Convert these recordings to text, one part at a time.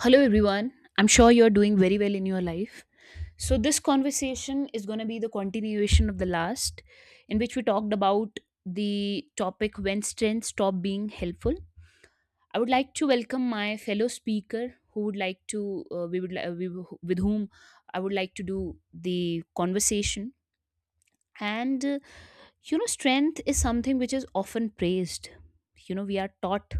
Hello, everyone. I'm sure you're doing very well in your life. So, this conversation is going to be the continuation of the last, in which we talked about the topic when strengths stop being helpful. I would like to welcome my fellow speaker who would like to, with whom I would like to do the conversation. And, strength is something which is often praised. We are taught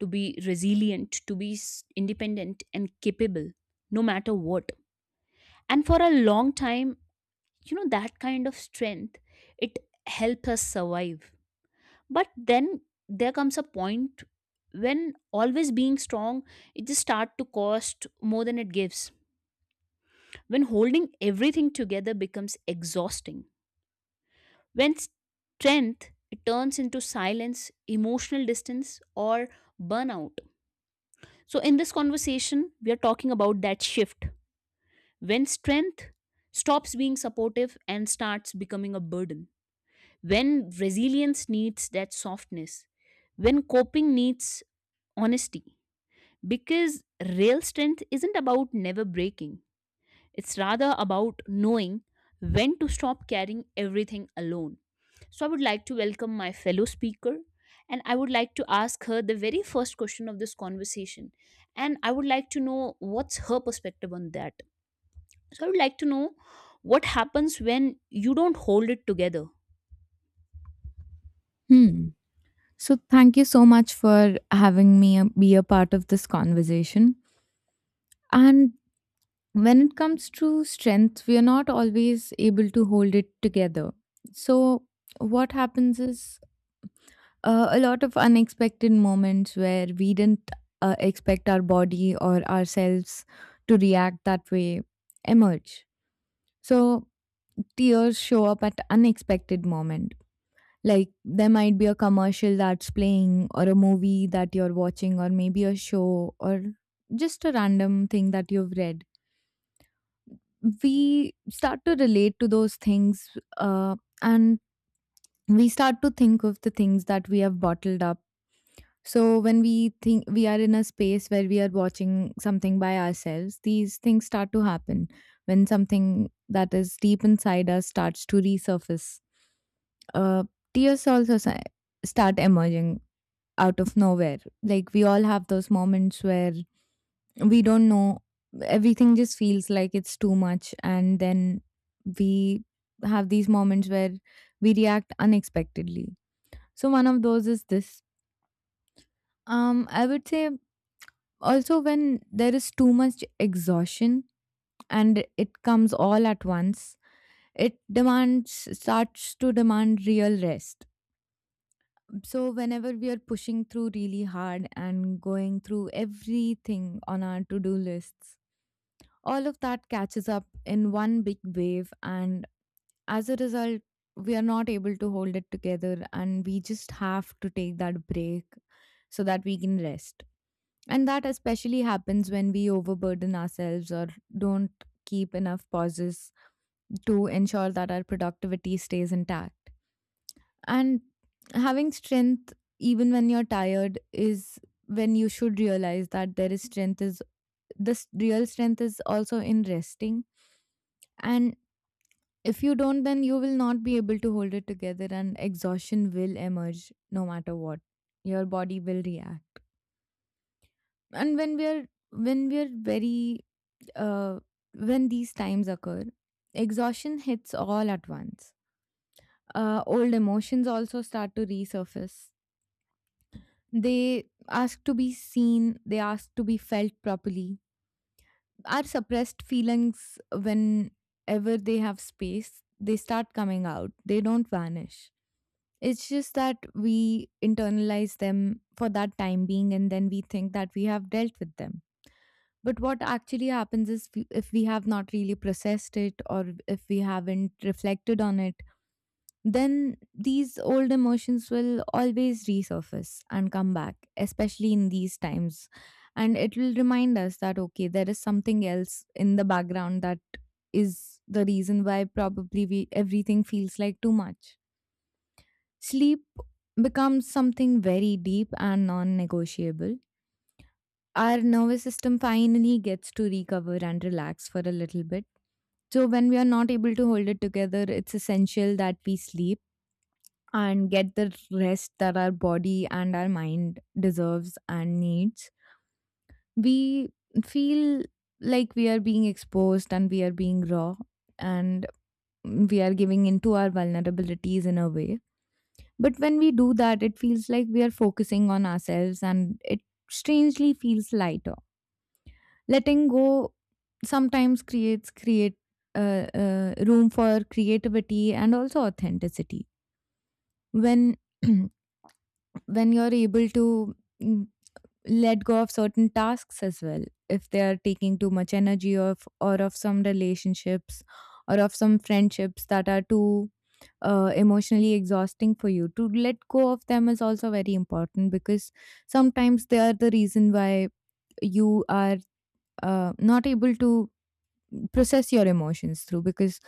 to be resilient, to be independent and capable, no matter what. And for a long time, that kind of strength, it helps us survive. But then there comes a point when always being strong, it just start to cost more than it gives, when holding everything together becomes exhausting, when strength, it turns into silence, emotional distance, or burnout. So in this conversation, we are talking about that shift, when strength stops being supportive and starts becoming a burden, when resilience needs that softness, when coping needs honesty. Because real strength isn't about never breaking, it's rather about knowing when to stop carrying everything alone. So, I would like to welcome my fellow speaker and I would like to ask her the very first question of this conversation. And I would like to know what's her perspective on that. So, I would like to know what happens when you don't hold it together. Hmm. So thank you so much for having me be a part of this conversation. And when it comes to strength, we are not always able to hold it together. So what happens is a lot of unexpected moments where we didn't expect our body or ourselves to react that way emerge. So tears show up at unexpected moment. Like, there might be a commercial that's playing, or a movie that you're watching, or maybe a show, or just a random thing that you've read. We start to relate to those things, uh, and we start to think of the things that we have bottled up. So, when we think we are in a space where we are watching something by ourselves, these things start to happen when something that is deep inside us starts to resurface. Uh, tears also start emerging out of nowhere. Like, we all have those moments where we don't know, everything just feels like it's too much, and then we have these moments where we react unexpectedly. So one of those is this. I would say also when there is too much exhaustion and it comes all at once, it demands starts to demand real rest. So, whenever we are pushing through really hard and going through everything on our to do lists, all of that catches up in one big wave. And as a result, we are not able to hold it together, and we just have to take that break so that we can rest. And that especially happens when we overburden ourselves or don't keep enough pauses to ensure that our productivity stays intact. And having strength, even when you're tired, is when you should realize that there is strength is this real strength is also in resting. And if you don't, then you will not be able to hold it together, and exhaustion will emerge no matter what. Your body will react. And when we're very uh, when these times occur, exhaustion hits all at once. Old emotions also start to resurface. They ask to be seen, they ask to be felt properly. Our suppressed feelings, whenever they have space, they start coming out, they don't vanish. It's just that we internalize them for that time being, and then we think that we have dealt with them. But what actually happens is, if we have not really processed it or if we haven't reflected on it, then these old emotions will always resurface and come back, especially in these times. And it will remind us that, okay, there is something else in the background that is the reason why probably everything feels like too much. Sleep becomes something very deep and non negotiable. Our nervous system finally gets to recover and relax for a little bit. So, when we are not able to hold it together, it's essential that we sleep and get the rest that our body and our mind deserves and needs. We feel like we are being exposed and we are being raw, and we are giving into our vulnerabilities in a way. But when we do that, it feels like we are focusing on ourselves, and it strangely feels lighter. Letting go sometimes creates create room for creativity and also authenticity. When when you're able to mm, let go of certain tasks as well, if they are taking too much energy, of or of some relationships or of some friendships that are too emotionally exhausting for you, to let go of them is also very important, because sometimes they are the reason why you are not able to process your emotions through. Because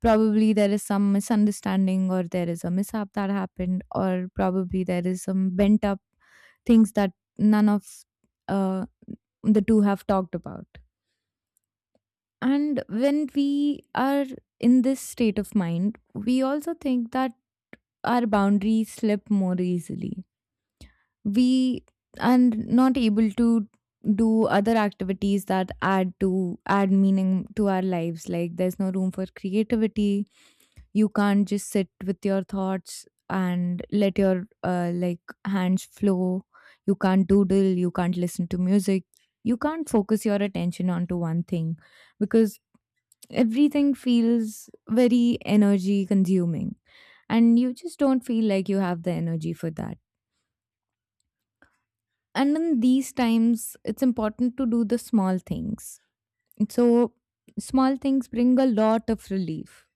probably there is some misunderstanding, or there is a mishap that happened, or probably there is some bent up things that none of uh, the two have talked about. And when we are in this state of mind, we also think that our boundaries slip more easily. We are not able to do other activities that add meaning to our lives. Like, there's no room for creativity. You can't just sit with your thoughts and let your like, hands flow. You can't doodle, you can't listen to music, you can't focus your attention onto one thing, because everything feels very energy consuming, and you just don't feel like you have the energy for that. And in these times, it's important to do the small things. So, small things bring a lot of relief.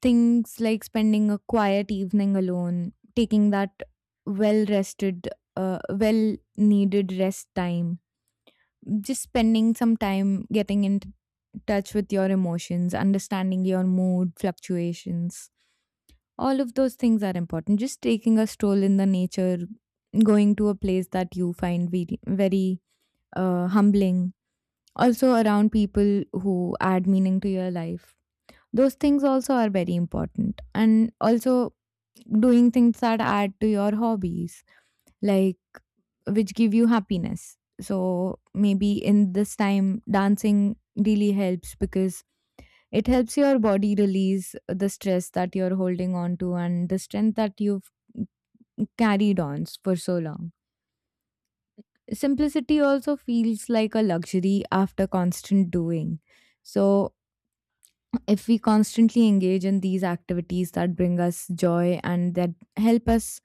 Things like spending a quiet evening alone, taking that well rested, well needed rest time, just spending some time getting in touch with your emotions, understanding your mood fluctuations. All of those things are important. Just taking a stroll in the nature, going to a place that you find very, very humbling. Also, around people who add meaning to your life. Those things also are very important. And also, doing things that add to your hobbies, like, which give you happiness. So, maybe in this time, dancing really helps, because it helps your body release the stress that you're holding on to and the strength that you've carried on for so long. Simplicity also feels like a luxury after constant doing. So, if we constantly engage in these activities that bring us joy and that help us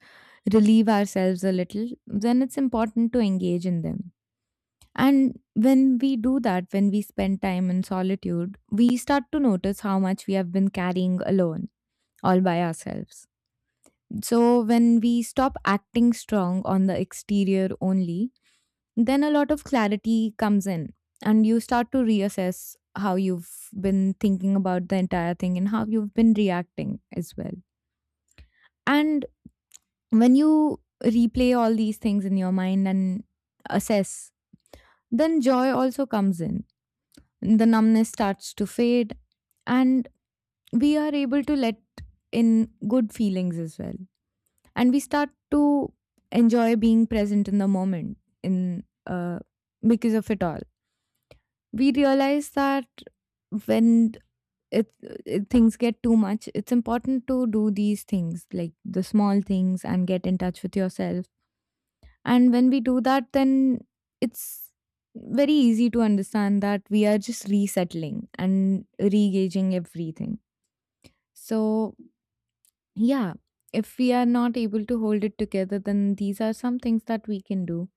relieve ourselves a little, then it's important to engage in them. And when we do that, when we spend time in solitude, we start to notice how much we have been carrying alone, all by ourselves. So, when we stop acting strong on the exterior only, then a lot of clarity comes in, and you start to reassess how you've been thinking about the entire thing and how you've been reacting as well. And when you replay all these things in your mind and assess, then joy also comes in. The numbness starts to fade, and we are able to let in good feelings as well. And we start to enjoy being present in the moment, in because of it all, we realize that when it, it, things get too much, it's important to do these things, like the small things, and get in touch with yourself. And when we do that, then it's very easy to understand that we are just resettling and regaging everything. So yeah, if we are not able to hold it together, then these are some things that we can do.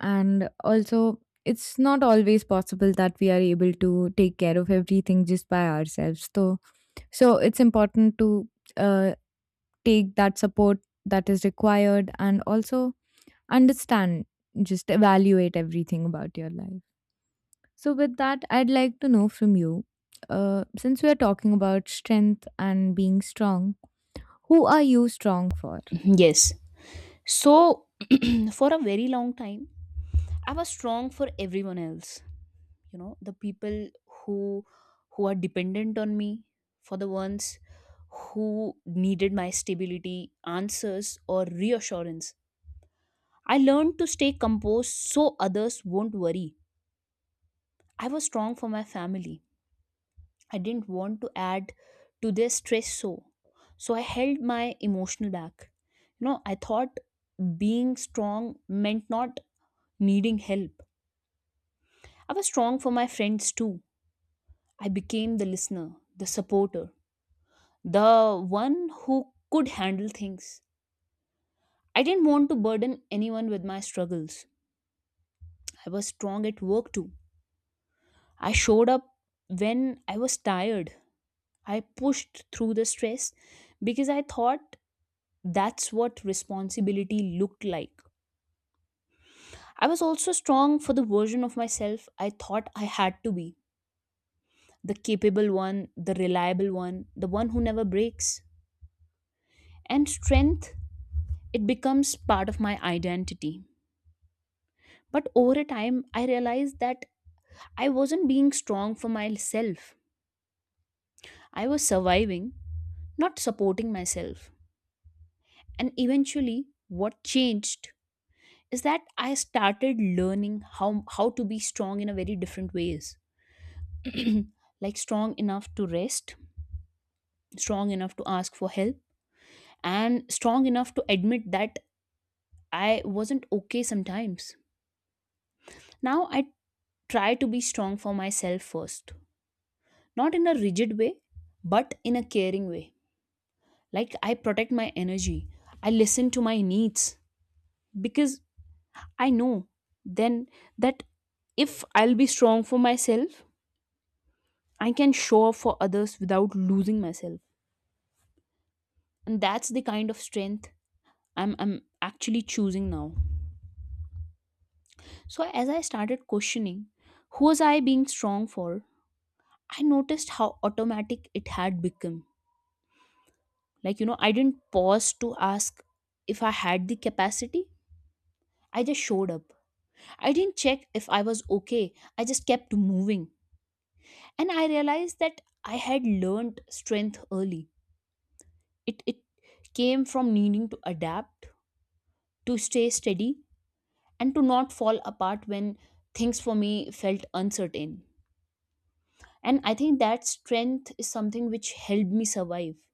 And also, it's not always possible that we are able to take care of everything just by ourselves, so it's important to uh, take that support that is required, and also understand, just evaluate everything about your life. So with that, I'd like to know from you, since we are talking about strength and being strong, who are you strong for? Yes. So, for a very long time, I was strong for everyone else. The people who who are dependent on me, for the ones who needed my stability, answers, or reassurance. I learned to stay composed so others won't worry. I was strong for my family. I didn't want to add to their stress, so I held my emotional back. I thought being strong meant not needing help. I was strong for my friends too. I became the listener, the supporter, the one who could handle things. I didn't want to burden anyone with my struggles. I was strong at work too. I showed up when I was tired. I pushed through the stress because I thought that's what responsibility looked like. I was also strong for the version of myself I thought I had to be: the capable one, the reliable one, the one who never breaks. And strength, it becomes part of my identity. But over a time, I realized that I wasn't being strong for myself. I was surviving, not supporting myself. And eventually what changed is that I started learning how to be strong in a very different ways, like strong enough to rest, strong enough to ask for help, and strong enough to admit that I wasn't okay sometimes. Now I try to be strong for myself first, not in a rigid way, but in a caring way. Like I protect my energy, I listen to my needs, because I know then that if I'll be strong for myself, I can show up for others without losing myself. And that's the kind of strength I'm actually choosing now. So as I started questioning, who was I being strong for? I noticed how automatic it had become. Like, I didn't pause to ask if I had the capacity. I just showed up. I didn't check if I was okay. I just kept moving. And I realized that I had learned strength early. It came from needing to adapt, to stay steady, and to not fall apart when things for me felt uncertain. And I think that strength is something which helped me survive.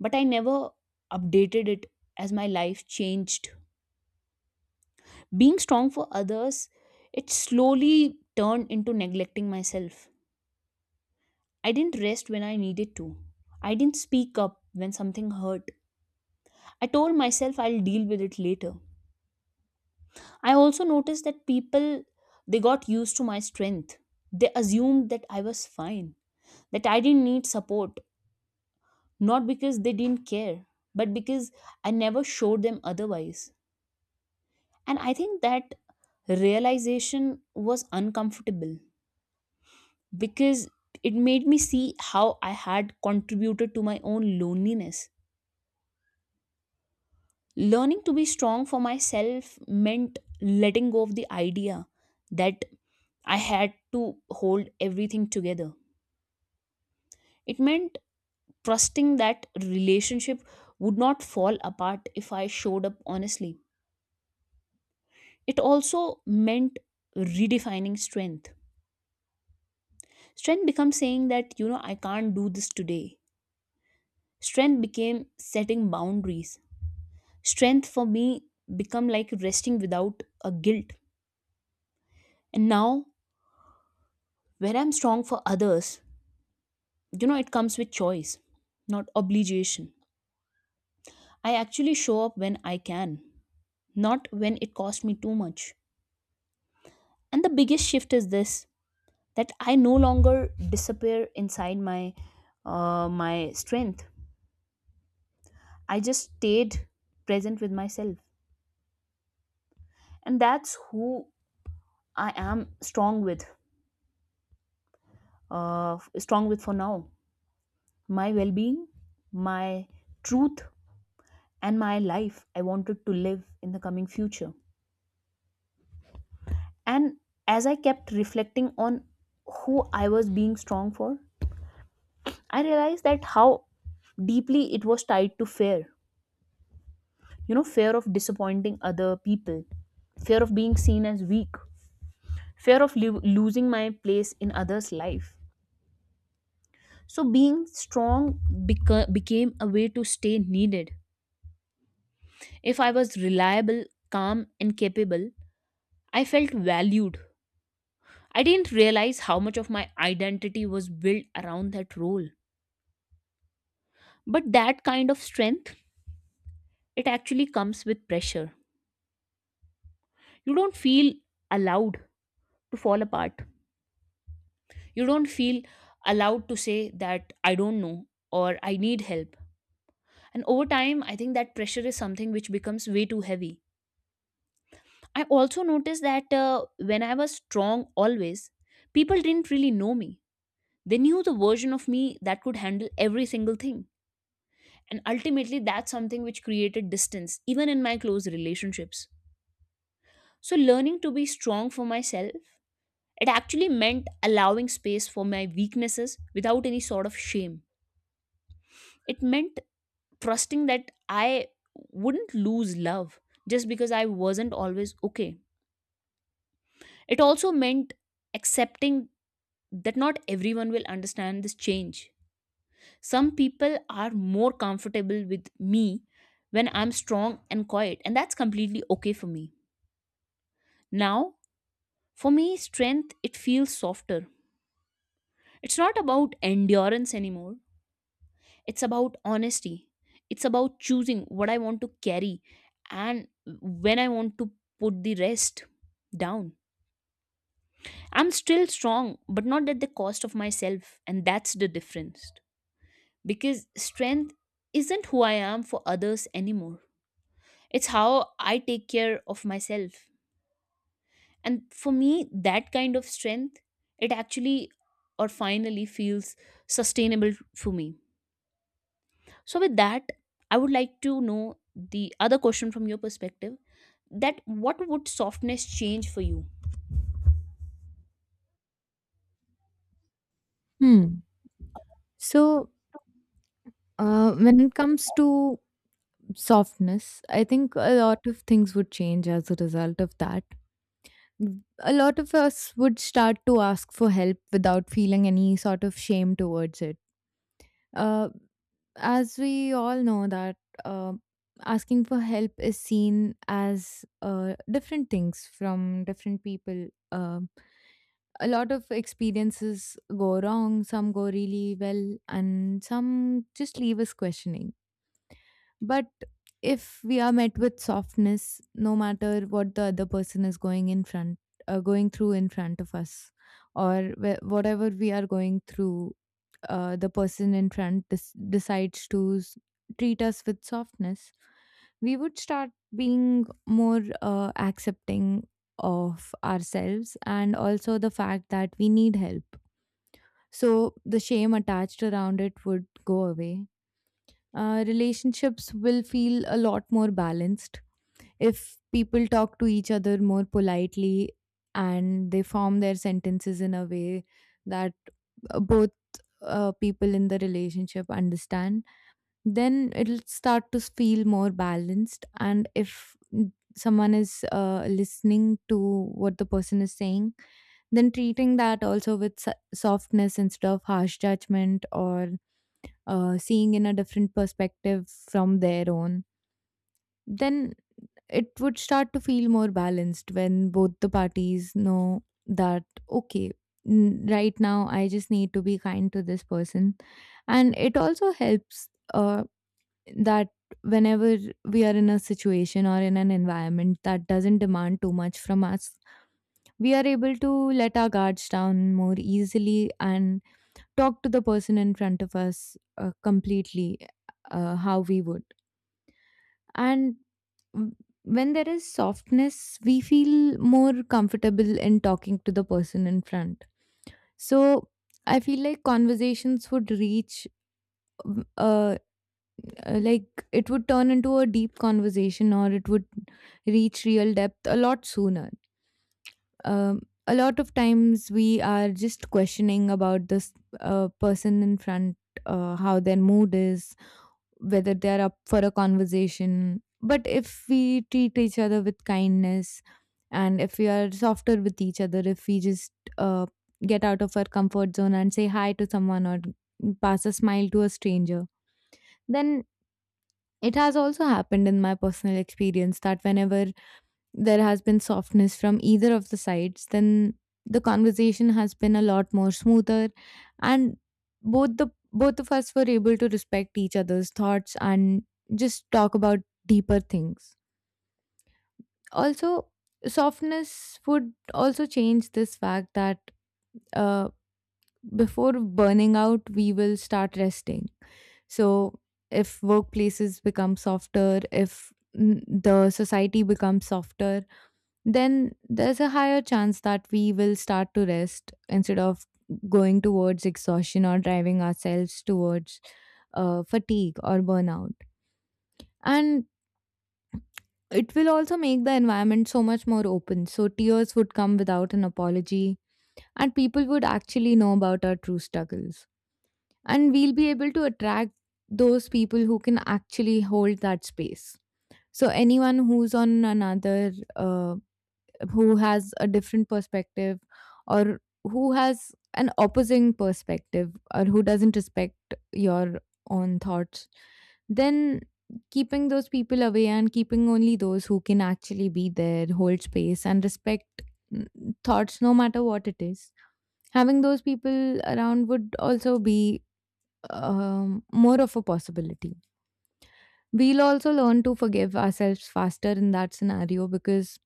But I never updated it as my life changed. Being strong for others, it slowly turned into neglecting myself. I didn't rest when I needed to. I didn't speak up when something hurt. I told myself I'll deal with it later. I also noticed that people, they got used to my strength. They assumed that I was fine, that I didn't need support, not because they didn't care, but because I never showed them otherwise. And I think that realization was uncomfortable because it made me see how I had contributed to my own loneliness. Learning to be strong for myself meant letting go of the idea that I had to hold everything together. It meant trusting that relationship would not fall apart if I showed up honestly. It also meant redefining strength. Strength becomes saying that, I can't do this today. Strength became setting boundaries. Strength for me become like resting without a guilt. And now, when I'm strong for others, it comes with choice, not obligation. I actually show up when I can, not when it costs me too much. And the biggest shift is this, that I no longer disappear inside my strength. I just stayed present with myself, and that's who I am strong with, uh, for now: my well-being, my truth, and my life I wanted to live in the coming future. And as I kept reflecting on who I was being strong for, I realized that how deeply it was tied to fear. Fear of disappointing other people, fear of being seen as weak, fear of losing my place in others' life. So, being strong became a way to stay needed. If I was reliable, calm, and capable, I felt valued. I didn't realize how much of my identity was built around that role. But that kind of strength, it actually comes with pressure. You don't feel allowed to fall apart. You don't feel allowed to say that I don't know or I need help. And over time, I think that pressure is something which becomes way too heavy. I also noticed that, when I was strong always, people didn't really know me. They knew the version of me that could handle every single thing. And ultimately, that's something which created distance, even in my close relationships. So, learning to be strong for myself, it actually meant allowing space for my weaknesses without any sort of shame. It meant trusting that I wouldn't lose love just because I wasn't always okay. It also meant accepting that not everyone will understand this change. Some people are more comfortable with me when I'm strong and quiet, and that's completely okay for me. Now, for me, strength, it feels softer. It's not about endurance anymore. It's about honesty. It's about choosing what I want to carry and when I want to put the rest down. I'm still strong, but not at the cost of myself. And that's the difference. Because strength isn't who I am for others anymore, it's how I take care of myself. And for me, that kind of strength, it actually or finally feels sustainable for me. So, with that, I would like to know the other question from your perspective: that what would softness change for you? Hmm. So, when it comes to softness, I think a lot of things would change as a result of that. A lot of us would start to ask for help without feeling any sort of shame towards it. Uh, as we all know that uh, asking for help is seen as different things from different people. A lot of experiences go wrong, some go really well, and some just leave us questioning. But if we are met with softness, no matter what the other person is going in front, going through in front of us, or whatever we are going through, the person in front decides to treat us with softness, we would start being more accepting of ourselves, and also the fact that we need help. So the shame attached around it would go away. Relationships will feel a lot more balanced if people talk to each other more politely, and they form their sentences in a way that both people in the relationship understand. Then it'll start to feel more balanced. And if someone is listening to what the person is saying, then treating that also with softness instead of harsh judgment or seeing in a different perspective from their own, then it would start to feel more balanced when both the parties know that, okay, right now I just need to be kind to this person. And it also helps uh, that whenever we are in a situation or in an environment that doesn't demand too much from us, we are able to let our guards down more easily, and talk to the person in front of us completely how we would. And w- when there is softness, we feel more comfortable in talking to the person in front. So I feel like conversations would reach um, uh, like, it would turn into a deep conversation, or it would reach real depth a lot sooner. um, a lot of times we are just questioning about this person in front, how their mood is, whether they're up for a conversation. But if we treat each other with kindness, and if we are softer with each other, if we just uh, get out of our comfort zone and say hi to someone or pass a smile to a stranger, then it has also happened in my personal experience that whenever there has been softness from either of the sides, then the conversation has been a lot more smoother, and both the both of us were able to respect each other's thoughts and just talk about deeper things. Also, softness would also change this fact that uh, before burning out, we will start resting. So, if workplaces become softer, if the society becomes softer, then there's a higher chance that we will start to rest instead of going towards exhaustion or driving ourselves towards fatigue or burnout. And it will also make the environment so much more open. So tears would come without an apology, and people would actually know about our true struggles. And we'll be able to attract those people who can actually hold that space. So anyone who's on another who has a different perspective, or who has an opposing perspective, or who doesn't respect your own thoughts, then keeping those people away, and keeping only those who can actually be there, hold space, and respect mm, thoughts no matter what it is. Having those people around would also be more of a possibility. We'll also learn to forgive ourselves faster in that scenario, because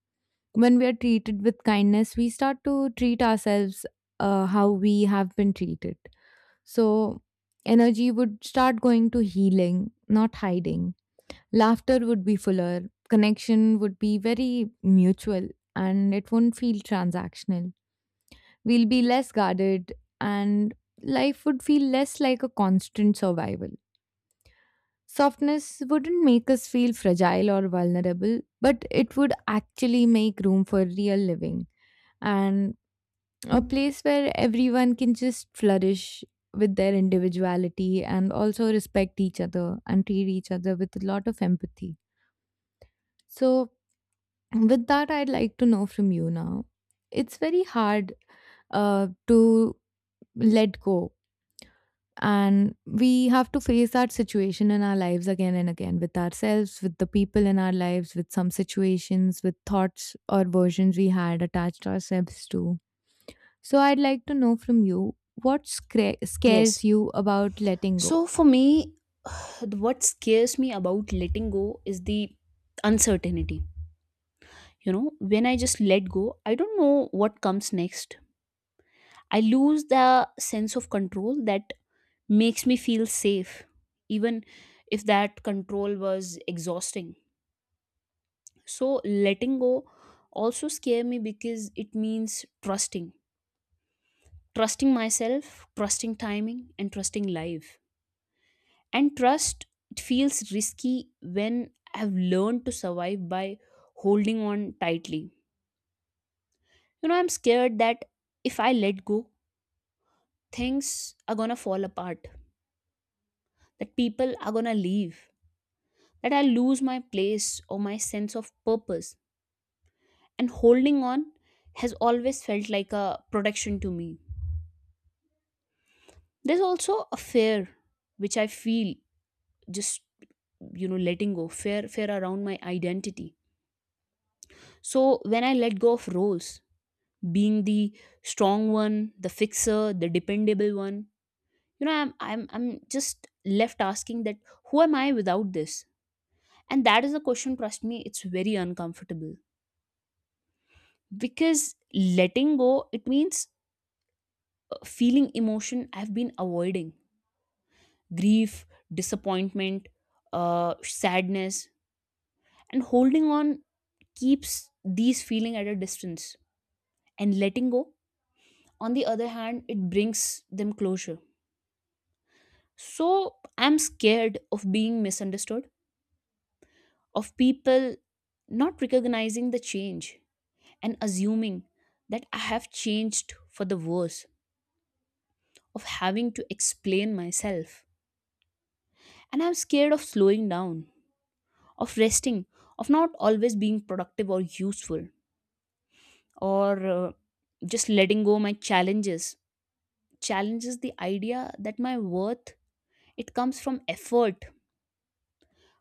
when we are treated with kindness, we start to treat ourselves how we have been treated. So, energy would start going to healing, not hiding. Laughter would be fuller, connection would be very mutual, and it won't feel transactional. We'll be less guarded, and life would feel less like a constant survival. Softness wouldn't make us feel fragile or vulnerable, but it would actually make room for real living, and a place where everyone can just flourish with their individuality and also respect each other and treat each other with a lot of empathy. So, with that, I'd like to know from you now. It's very hard to let go, and we have to face that situation in our lives again and again, with ourselves, with the people in our lives, with some situations, with thoughts or versions we had attached ourselves to. So I'd like to know from you, what Yes. scares you about letting go? So, for me, what scares me about letting go is the uncertainty. When I just let go, I don't know what comes next. I lose the sense of control that makes me feel safe, even if that control was exhausting. So, letting go also scare me because it means trusting myself, trusting timing, and trusting life. And trust, it feels risky when I've learned to survive by holding on tightly. I'm scared that if I let go, things are gonna fall apart, that people are gonna leave, that I lose my place or my sense of purpose. And holding on has always felt like a protection to me. There's also a fear which I feel, just letting go, fear around my identity. So when I let go of roles, being the strong one, the fixer, the dependable one, I'm just left asking that who am I without this, and that is a question, trust me, it's very uncomfortable. Because letting go, it means, feeling emotion I've been avoiding: grief, disappointment, sadness. And holding on keeps these feeling at a distance, and letting go, on the other hand, it brings them closure. So I'm scared of being misunderstood, of people not recognizing the change and assuming that I have changed for the worse, of having to explain myself. And I'm scared of slowing down, of resting, of not always being productive or useful, or just letting go my challenges challenges the idea that my worth, it comes from effort.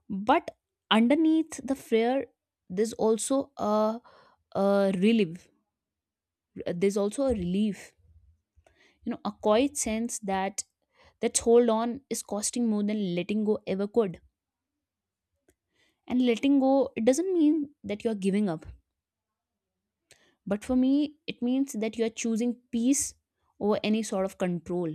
But underneath the fear, there's also a relief a relief, you know, a quiet sense that hold on is costing more than letting go ever could. And letting go, it doesn't mean that you're giving up, but for me it means that you're choosing peace over any sort of control.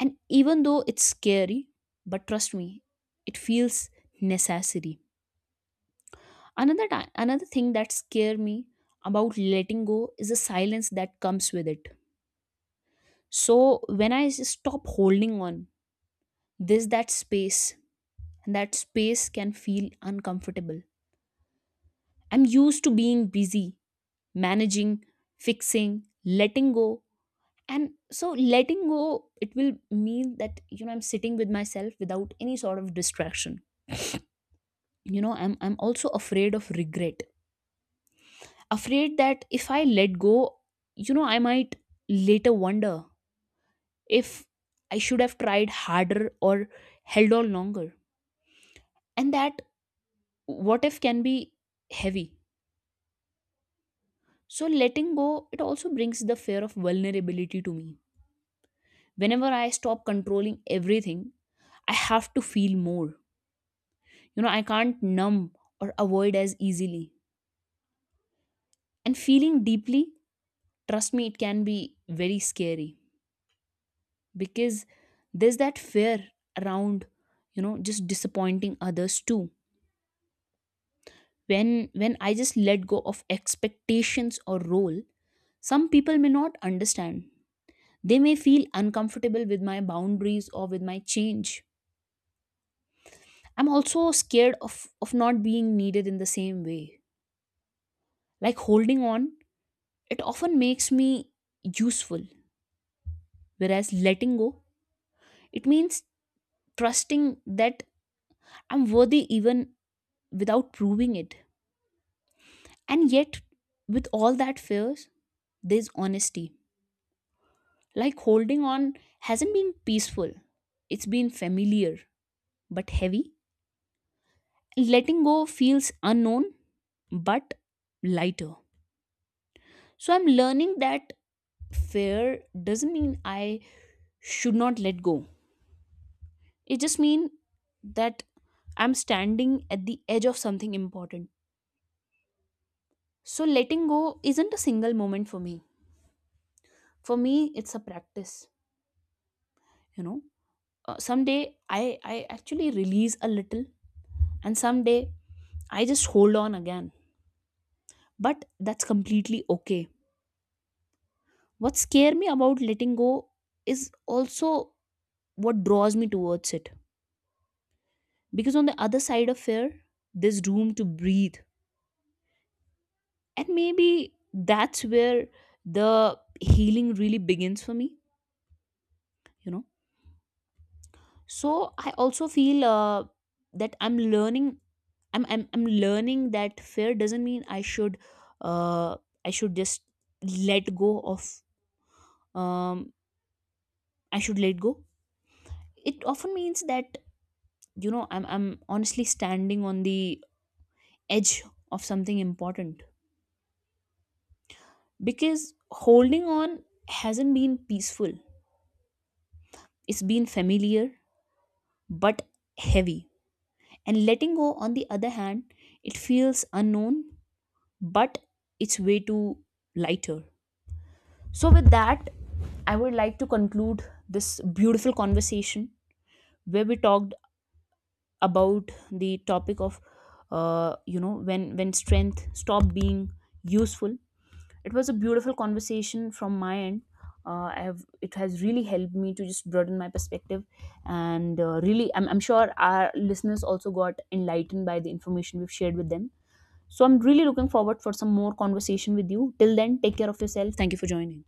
And even though it's scary, but trust me, it feels necessary. Another time, another thing that scare me about letting go is the silence that comes with it. So when I stop holding on, this that space, and that space can feel uncomfortable. I'm used to being busy managing fixing letting go. And so letting go, it will mean that, I'm sitting with myself without any sort of distraction. I'm also afraid of regret, afraid that if I let go, I might later wonder if I should have tried harder or held on longer. And that what if can be heavy. So letting go, it also brings the fear of vulnerability to me. Whenever I stop controlling everything, I have to feel more. I can't numb or avoid as easily. And feeling deeply, trust me, it can be very scary. Because there's that fear around, just disappointing others too, when I just let go of expectations or role, some people may not understand, they may feel uncomfortable with my boundaries or with my change. I'm also scared of not being needed in the same way. Like holding on, it often makes me useful, whereas letting go, it means trusting that I'm worthy even without proving it. And yet, with all that fears, there's honesty. Like holding on hasn't been peaceful, it's been familiar but heavy. Letting go feels unknown but lighter. So I'm learning that fear doesn't mean I should not let go. It just means that I'm standing at the edge of something important. So letting go isn't a single moment for me. For me, it's a practice, you know someday I actually release a little, and someday I just hold on again. But that's completely okay. What scare me about letting go is also what draws me towards it. Because on the other side of fear, there's room to breathe. And maybe that's where the healing really begins for me, you know so I also feel, that I'm learning. I'm learning that fear doesn't mean uh, i should just let go of um I should let go. It often means that, I'm honestly standing on the edge of something important. Because holding on hasn't been peaceful, it's been familiar but heavy. And letting go, on the other hand, it feels unknown, but it's way too lighter. So, with that, I would like to conclude this beautiful conversation where we talked about the topic of, when strength stopped being useful. It was a beautiful conversation from my end. I have It has really helped me to just broaden my perspective, and really, I'm sure our listeners also got enlightened by the information we've shared with them. So I'm really looking forward for some more conversation with you. Till then, take care of yourself. Thank you for joining.